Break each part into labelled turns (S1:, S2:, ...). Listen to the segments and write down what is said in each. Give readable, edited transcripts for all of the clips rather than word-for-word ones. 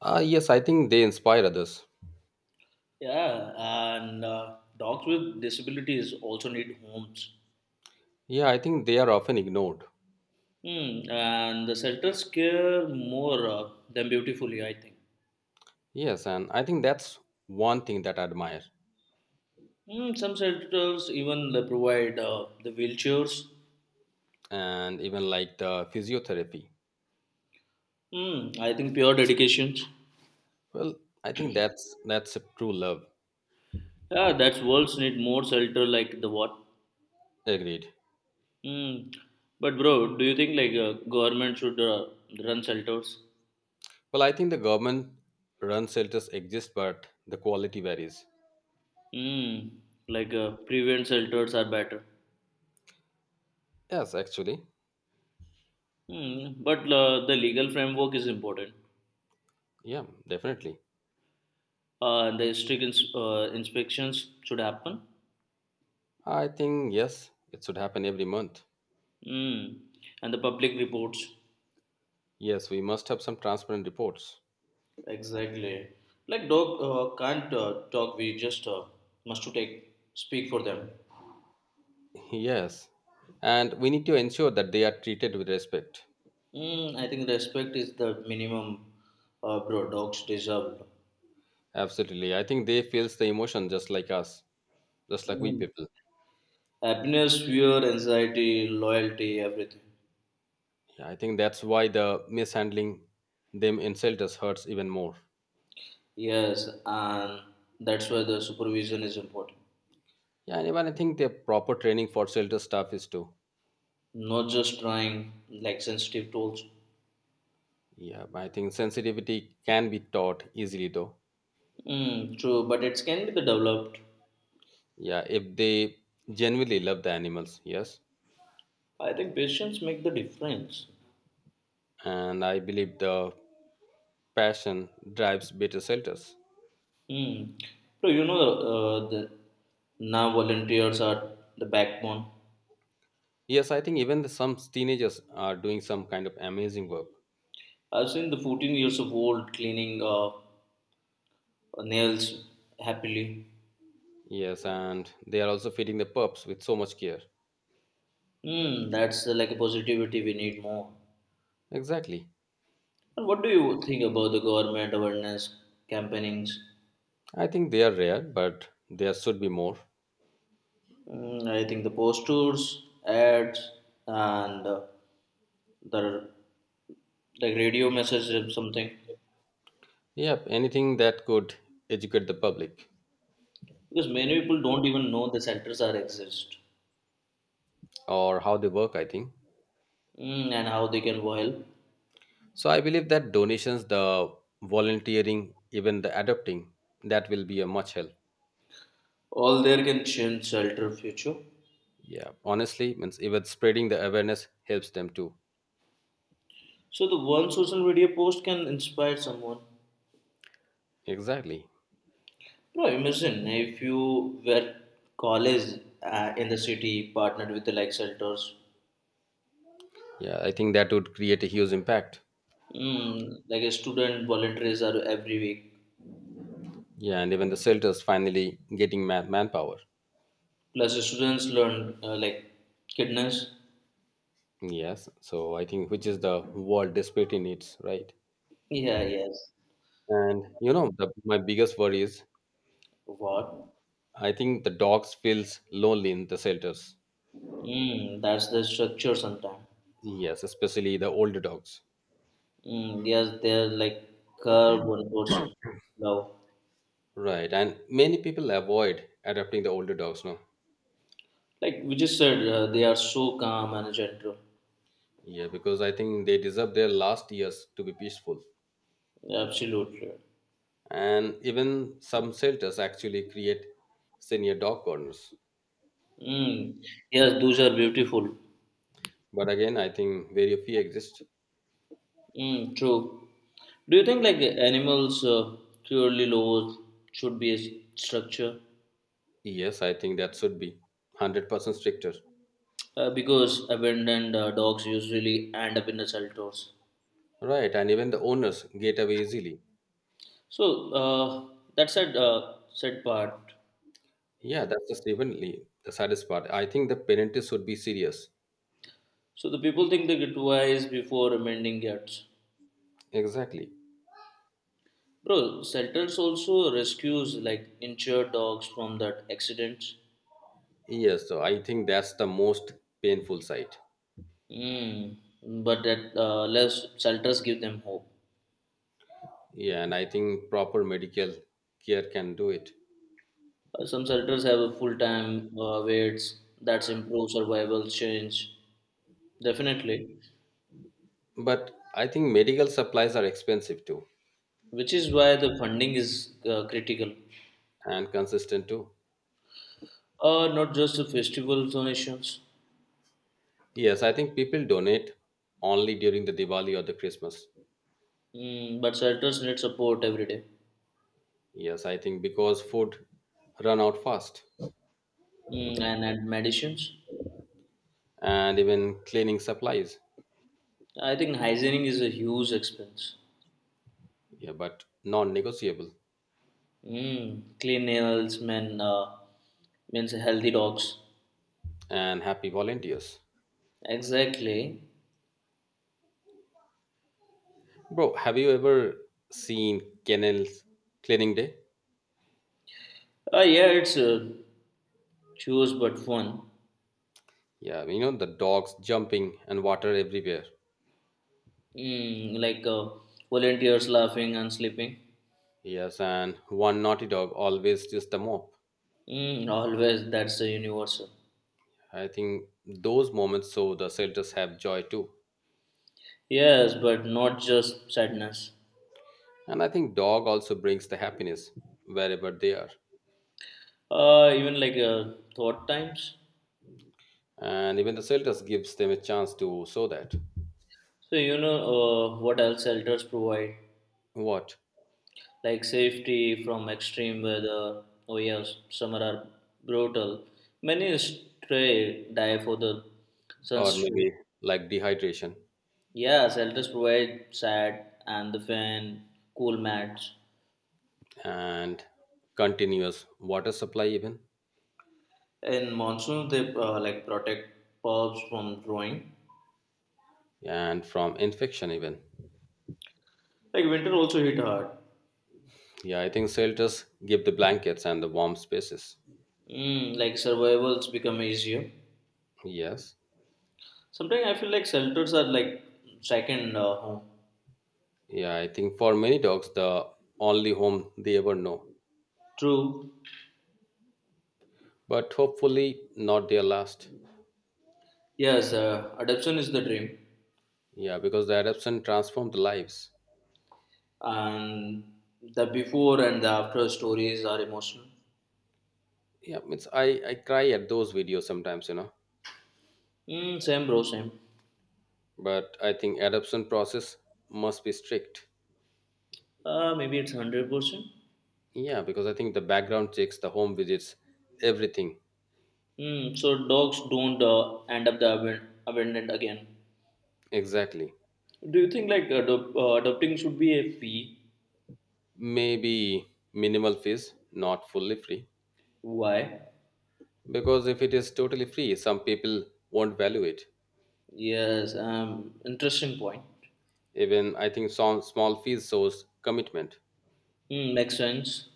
S1: Yes, I think they inspire others.
S2: Yeah, and dogs with disabilities also need homes.
S1: Yeah, I think they are often ignored.
S2: Hmm, and the shelters care more than beautifully, I think.
S1: Yes, and I think that's one thing that I admire.
S2: Hmm, some shelters even they provide the wheelchairs.
S1: And even like the physiotherapy.
S2: Hmm, I think pure dedications.
S1: Well, I think that's a true love.
S2: Yeah, that's worlds need more shelter like the what.
S1: Agreed.
S2: Hmm, but bro, do you think like government should run shelters?
S1: Well, I think the government run shelters exist, but the quality varies.
S2: Hmm, like prevent shelters are better.
S1: Yes, actually.
S2: Hmm, but the legal framework is important.
S1: Yeah, definitely.
S2: The strict inspections should happen.
S1: I think yes, it should happen every month.
S2: Mm. And the public reports.
S1: Yes, we must have some transparent reports.
S2: Exactly. Like dog can't talk. We just must to take speak for them.
S1: Yes. And we need to ensure that they are treated with respect.
S2: Mm, I think respect is the minimum, bro. Dogs deserve.
S1: Absolutely. I think they feels the emotion just like us, just like we
S2: Mm.
S1: people.
S2: Happiness, fear, anxiety, loyalty, everything.
S1: Yeah, I think that's why the mishandling them in shelters hurts even more.
S2: Yes, and that's why the supervision is important.
S1: Yeah, and even I think the proper training for shelter staff is too.
S2: Not just trying like sensitive tools.
S1: Yeah, but I think sensitivity can be taught easily though.
S2: Mm, true, but it can be the developed.
S1: Yeah, if they genuinely love the animals, yes.
S2: I think patience make the difference.
S1: And I believe the passion drives better shelters.
S2: Hmm. So you know the now volunteers are the backbone.
S1: Yes, I think even some teenagers are doing some kind of amazing work.
S2: I've seen the 14 years of old cleaning nails happily.
S1: Yes, and they are also feeding the pups with so much care.
S2: Hmm. That's like a positivity we need more.
S1: Exactly.
S2: And what do you think about the government awareness campaignings?
S1: I think they are rare, but there should be more.
S2: Mm, I think the posters, ads, and the like radio message or something
S1: Yep, anything that could educate the public
S2: because many people don't even know the centers are exist.
S1: or how they work, I think.
S2: Mm, and how they can help.
S1: So I believe that donations, the volunteering, even the adopting, that will be a much help.
S2: All there can change shelter future.
S1: Yeah, honestly, means even spreading the awareness helps them too.
S2: So the one social media post can inspire someone.
S1: Exactly.
S2: Bro, imagine if you were college in the city partnered with the like shelters.
S1: Yeah, I think that would create a huge impact.
S2: Mm, like a student volunteers are every week.
S1: Yeah, and even the shelters finally getting manpower.
S2: Plus the students learn like kindness.
S1: Yes, so I think which is the world desperately needs, right.
S2: Yeah, yes.
S1: And my biggest worry is
S2: What?
S1: I think the dogs feels lonely in the shelters.
S2: Mm, that's the structure sometimes.
S1: Yes, especially the older dogs.
S2: Mm, yes, they're like curve one person. Love.
S1: Right, and many people avoid adopting the older dogs now.
S2: Like we just said, they are so calm and gentle.
S1: Yeah, because I think they deserve their last years to be peaceful.
S2: Absolutely.
S1: And even some shelters actually create senior dog corners.
S2: Mm. Yes, those are beautiful.
S1: But again, I think very few exist.
S2: Mm, true. Do you think like animals clearly laws should be a structure?
S1: Yes, I think that should be 100% stricter.
S2: Because abandoned dogs usually end up in the shelters.
S1: Right, and even the owners get away easily.
S2: So that said, said part.
S1: Yeah, that's just evenly the saddest part. I think the parents should be serious.
S2: So the people think they get wise before amending cats.
S1: Exactly.
S2: Bro, shelters also rescues like injured dogs from that accident.
S1: Yes, so I think that's the most painful side.
S2: Mm, but that less shelters give them hope.
S1: Yeah, and I think proper medical care can do it.
S2: Some shelters have a full-time waits that's improve survival change definitely,
S1: But I think medical supplies are expensive too
S2: which is why the funding is critical.
S1: and consistent too.
S2: Not just the festival donations,
S1: Yes, I think people donate only during the Diwali or the Christmas.
S2: mm, but shelters need support every day
S1: Yes, I think because food run out fast
S2: mm, and medicines.
S1: and even cleaning supplies.
S2: I think hygiene is a huge expense.
S1: Yeah, but non-negotiable
S2: Mm, clean nails, men, means healthy dogs.
S1: and happy volunteers.
S2: Exactly.
S1: Bro, have you ever seen kennels cleaning day?
S2: Yeah, it's choose but fun.
S1: Yeah, you know the dogs jumping and water everywhere.
S2: Mm, like volunteers laughing and sleeping.
S1: Yes, and one naughty dog always just the mop.
S2: Mm, always that's the universal.
S1: I think those moments so the shelters have joy too.
S2: Yes, but not just sadness.
S1: And I think dog also brings the happiness wherever they are.
S2: Even like thought times.
S1: And even the shelters gives them a chance to show that.
S2: So you know what else shelters provide,
S1: What?
S2: like safety from extreme weather. Oh yes, summer are brutal. Many stray die for the
S1: Or
S2: sunstroke.
S1: maybe like dehydration.
S2: Yeah, shelters provide shade and the fan, cool mats.
S1: And continuous water supply even
S2: In monsoons, they like protect pups from growing.
S1: and from infection even.
S2: Like winter also hit hard.
S1: Yeah, I think shelters give the blankets and the warm spaces.
S2: Mm, like survivals become easier.
S1: Yes.
S2: Sometimes I feel like shelters are like second home.
S1: Yeah, I think for many dogs the only home they ever know,
S2: True.
S1: but hopefully not their last.
S2: Yes, adoption is the dream,
S1: Yeah, because the adoption transformed the lives.
S2: and the before and the after stories are emotional.
S1: Yeah, it's, I cry at those videos sometimes, you know.
S2: Mm, same, bro. Same.
S1: But I think adoption process must be strict.
S2: Maybe it's 100%.
S1: Yeah, because I think the background checks, the home visits, everything.
S2: Mm, so dogs don't end up the abandoned again.
S1: Exactly.
S2: Do you think like adopting should be a fee?
S1: Maybe minimal fees, not fully free.
S2: Why?
S1: Because if it is totally free, some people won't value it.
S2: Yes, interesting point.
S1: Even I think some small fees shows commitment.
S2: Mm, makes sense.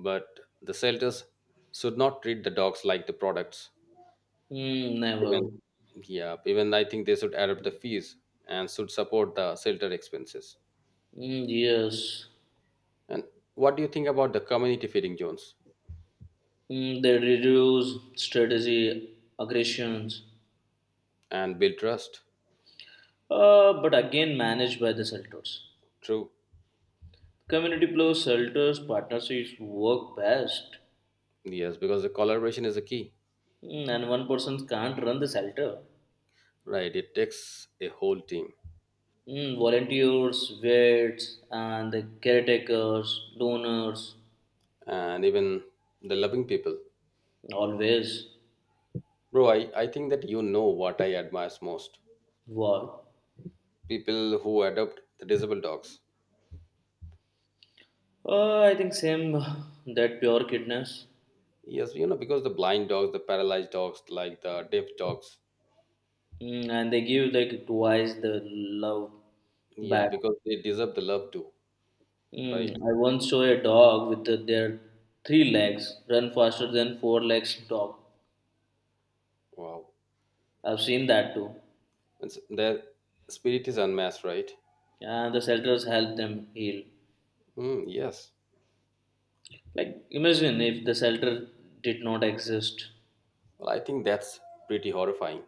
S1: But the shelters should not treat the dogs like the products.
S2: Mm, never.
S1: Even yeah, even I think they should add up the fees and should support the shelter expenses.
S2: Mm, yes.
S1: And what do you think about the community feeding zones
S2: Mm, they reduce strategy aggressions,
S1: and build trust?
S2: but again managed by the shelters.
S1: True.
S2: Community plus shelters partnerships work best.
S1: Yes, because the collaboration is a key.
S2: Mm, and one person can't run the shelter.
S1: Right. It takes a whole team.
S2: Mm, volunteers, vets, and the caretakers, donors,
S1: And even the loving people.
S2: always.
S1: Bro, I think that you know what I admire most,
S2: Wow.
S1: people who adopt the disabled dogs.
S2: I think same that pure kindness.
S1: Yes, you know, because the blind dogs, the paralyzed dogs, like the deaf dogs,
S2: Mm, and they give like twice the love
S1: yeah,
S2: back.
S1: because they deserve the love too, right?
S2: Mm, I once saw a dog with the, their three legs run faster than four legs dog.
S1: Wow.
S2: I've seen that too.
S1: It's, their spirit is unmatched, right?
S2: And the shelters help them heal.
S1: Mm, yes.
S2: Like imagine if the shelter did not exist,
S1: Well, I think that's pretty horrifying.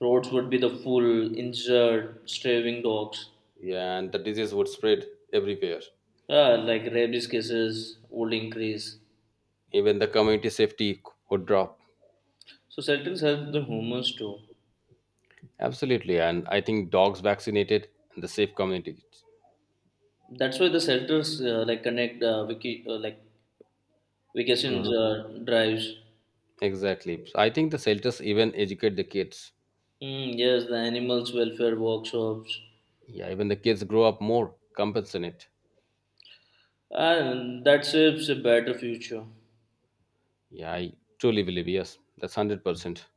S2: roads would be the full injured, starving dogs.
S1: Yeah, and the disease would spread everywhere.
S2: Ah, like rabies cases would increase.
S1: Even the community safety would drop.
S2: So shelters help the humans too.
S1: Absolutely, and I think dogs vaccinated and the safe community.
S2: That's why the shelters like connect wiki, like vacation
S1: Mhm.
S2: drives.
S1: Exactly. So I think the shelters even educate the kids.
S2: Mm, yes, the animals welfare workshops.
S1: Yeah, even the kids grow up more, compensate it.
S2: And that shapes a better future.
S1: Yeah, I truly believe, yes, that's 100%.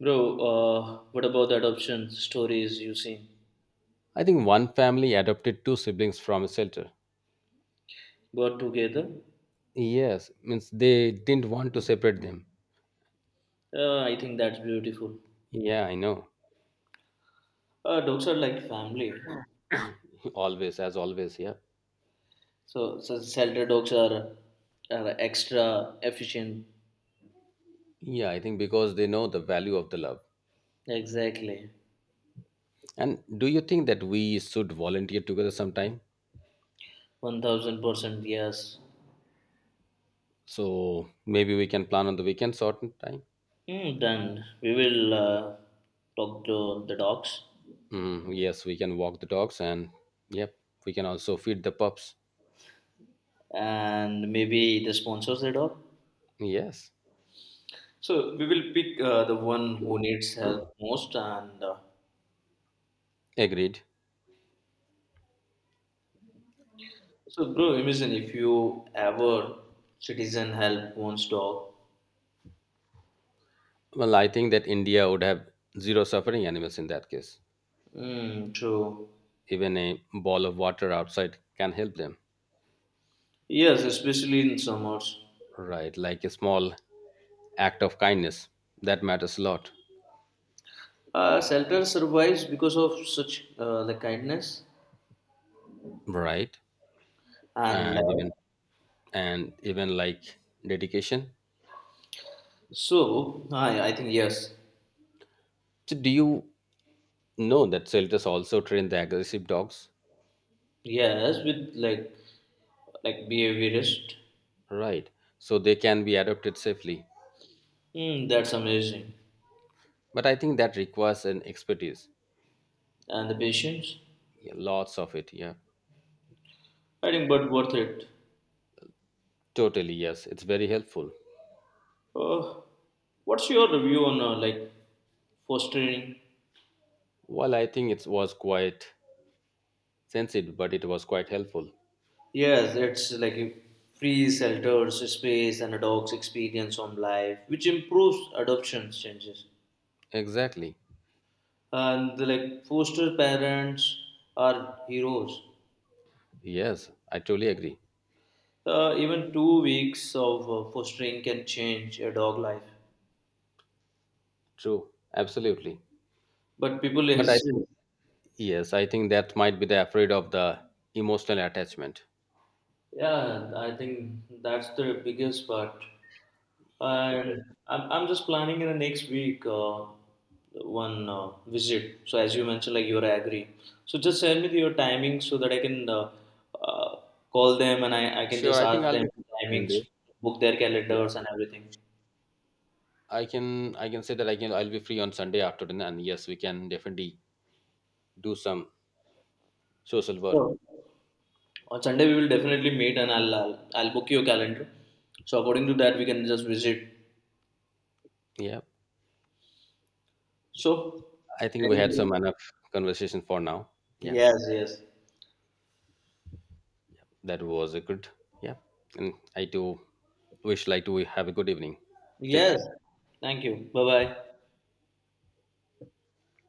S2: Bro, what about adoption stories you seen?
S1: I think one family adopted two siblings from a shelter.
S2: Got together?
S1: Yes, means they didn't want to separate them.
S2: I think that's beautiful.
S1: Yeah, I know.
S2: Dogs are like family.
S1: Always, as always, yeah.
S2: So shelter dogs are extra efficient.
S1: Yeah, I think because they know the value of the love.
S2: Exactly.
S1: And do you think that we should volunteer together sometime?
S2: 1000% yes.
S1: So maybe we can plan on the weekend certain time.
S2: Hmm, then we will talk to the dogs
S1: Mm, yes, we can walk the dogs and yep, we can also feed the pups.
S2: and maybe the sponsors the dog.
S1: Yes,
S2: So we will pick the one who needs help most. And
S1: agreed.
S2: so, bro, imagine if you ever citizen help one's dog.
S1: Well, I think that India would have zero suffering animals in that case.
S2: Mm, true.
S1: Even a ball of water outside can help them.
S2: Yes, especially in summers.
S1: Right, like a small act of kindness that matters a lot.
S2: Shelter survives because of such the kindness
S1: Right,
S2: and
S1: and even
S2: love.
S1: and even like dedication.
S2: So I think yes,
S1: So, do you know that shelters also train the aggressive dogs?
S2: yes, with like behaviorist.
S1: Right, so they can be adopted safely.
S2: Mm, that's amazing.
S1: But I think that requires an expertise.
S2: And the patience,
S1: Yeah, lots of it. Yeah,
S2: I think, but worth it.
S1: totally. Yes, it's very helpful.
S2: Uh, what's your review on like fostering?
S1: Well, I think it was quite sensitive, but it was quite helpful.
S2: Yes, it's like a free shelters, space, and a dog's experience on life, which improves adoption changes.
S1: Exactly.
S2: And the, like foster parents are heroes.
S1: Yes, I totally agree.
S2: Even 2 weeks of fostering can change a dog life.
S1: True. Absolutely.
S2: But people
S1: But I
S2: is
S1: think, yes, I think that might be the afraid of the emotional attachment.
S2: yeah, I think that's the biggest part.
S1: Yeah, because
S2: And I'm just planning in the next week one visit. So as you mentioned, like you're agree. So just send me your timings so that I can uh, call them and I can
S1: sure,
S2: just
S1: I think
S2: ask
S1: I'll
S2: them
S1: be free on
S2: timings,
S1: Sunday.
S2: book their
S1: Yeah,
S2: calendars and everything.
S1: I can say that I'll be free on Sunday afternoon, and yes, we can definitely do some social work.
S2: Sure. On Sunday we will definitely meet and I'll book your calendar. So according to that we can just visit.
S1: Yeah,
S2: So
S1: I think
S2: I
S1: we had some
S2: think
S1: enough conversation for now. Yeah.
S2: yes, yes,
S1: That was a good, yeah, and I do wish like to have a good evening. Take
S2: yes.
S1: care.
S2: Thank you. Bye bye.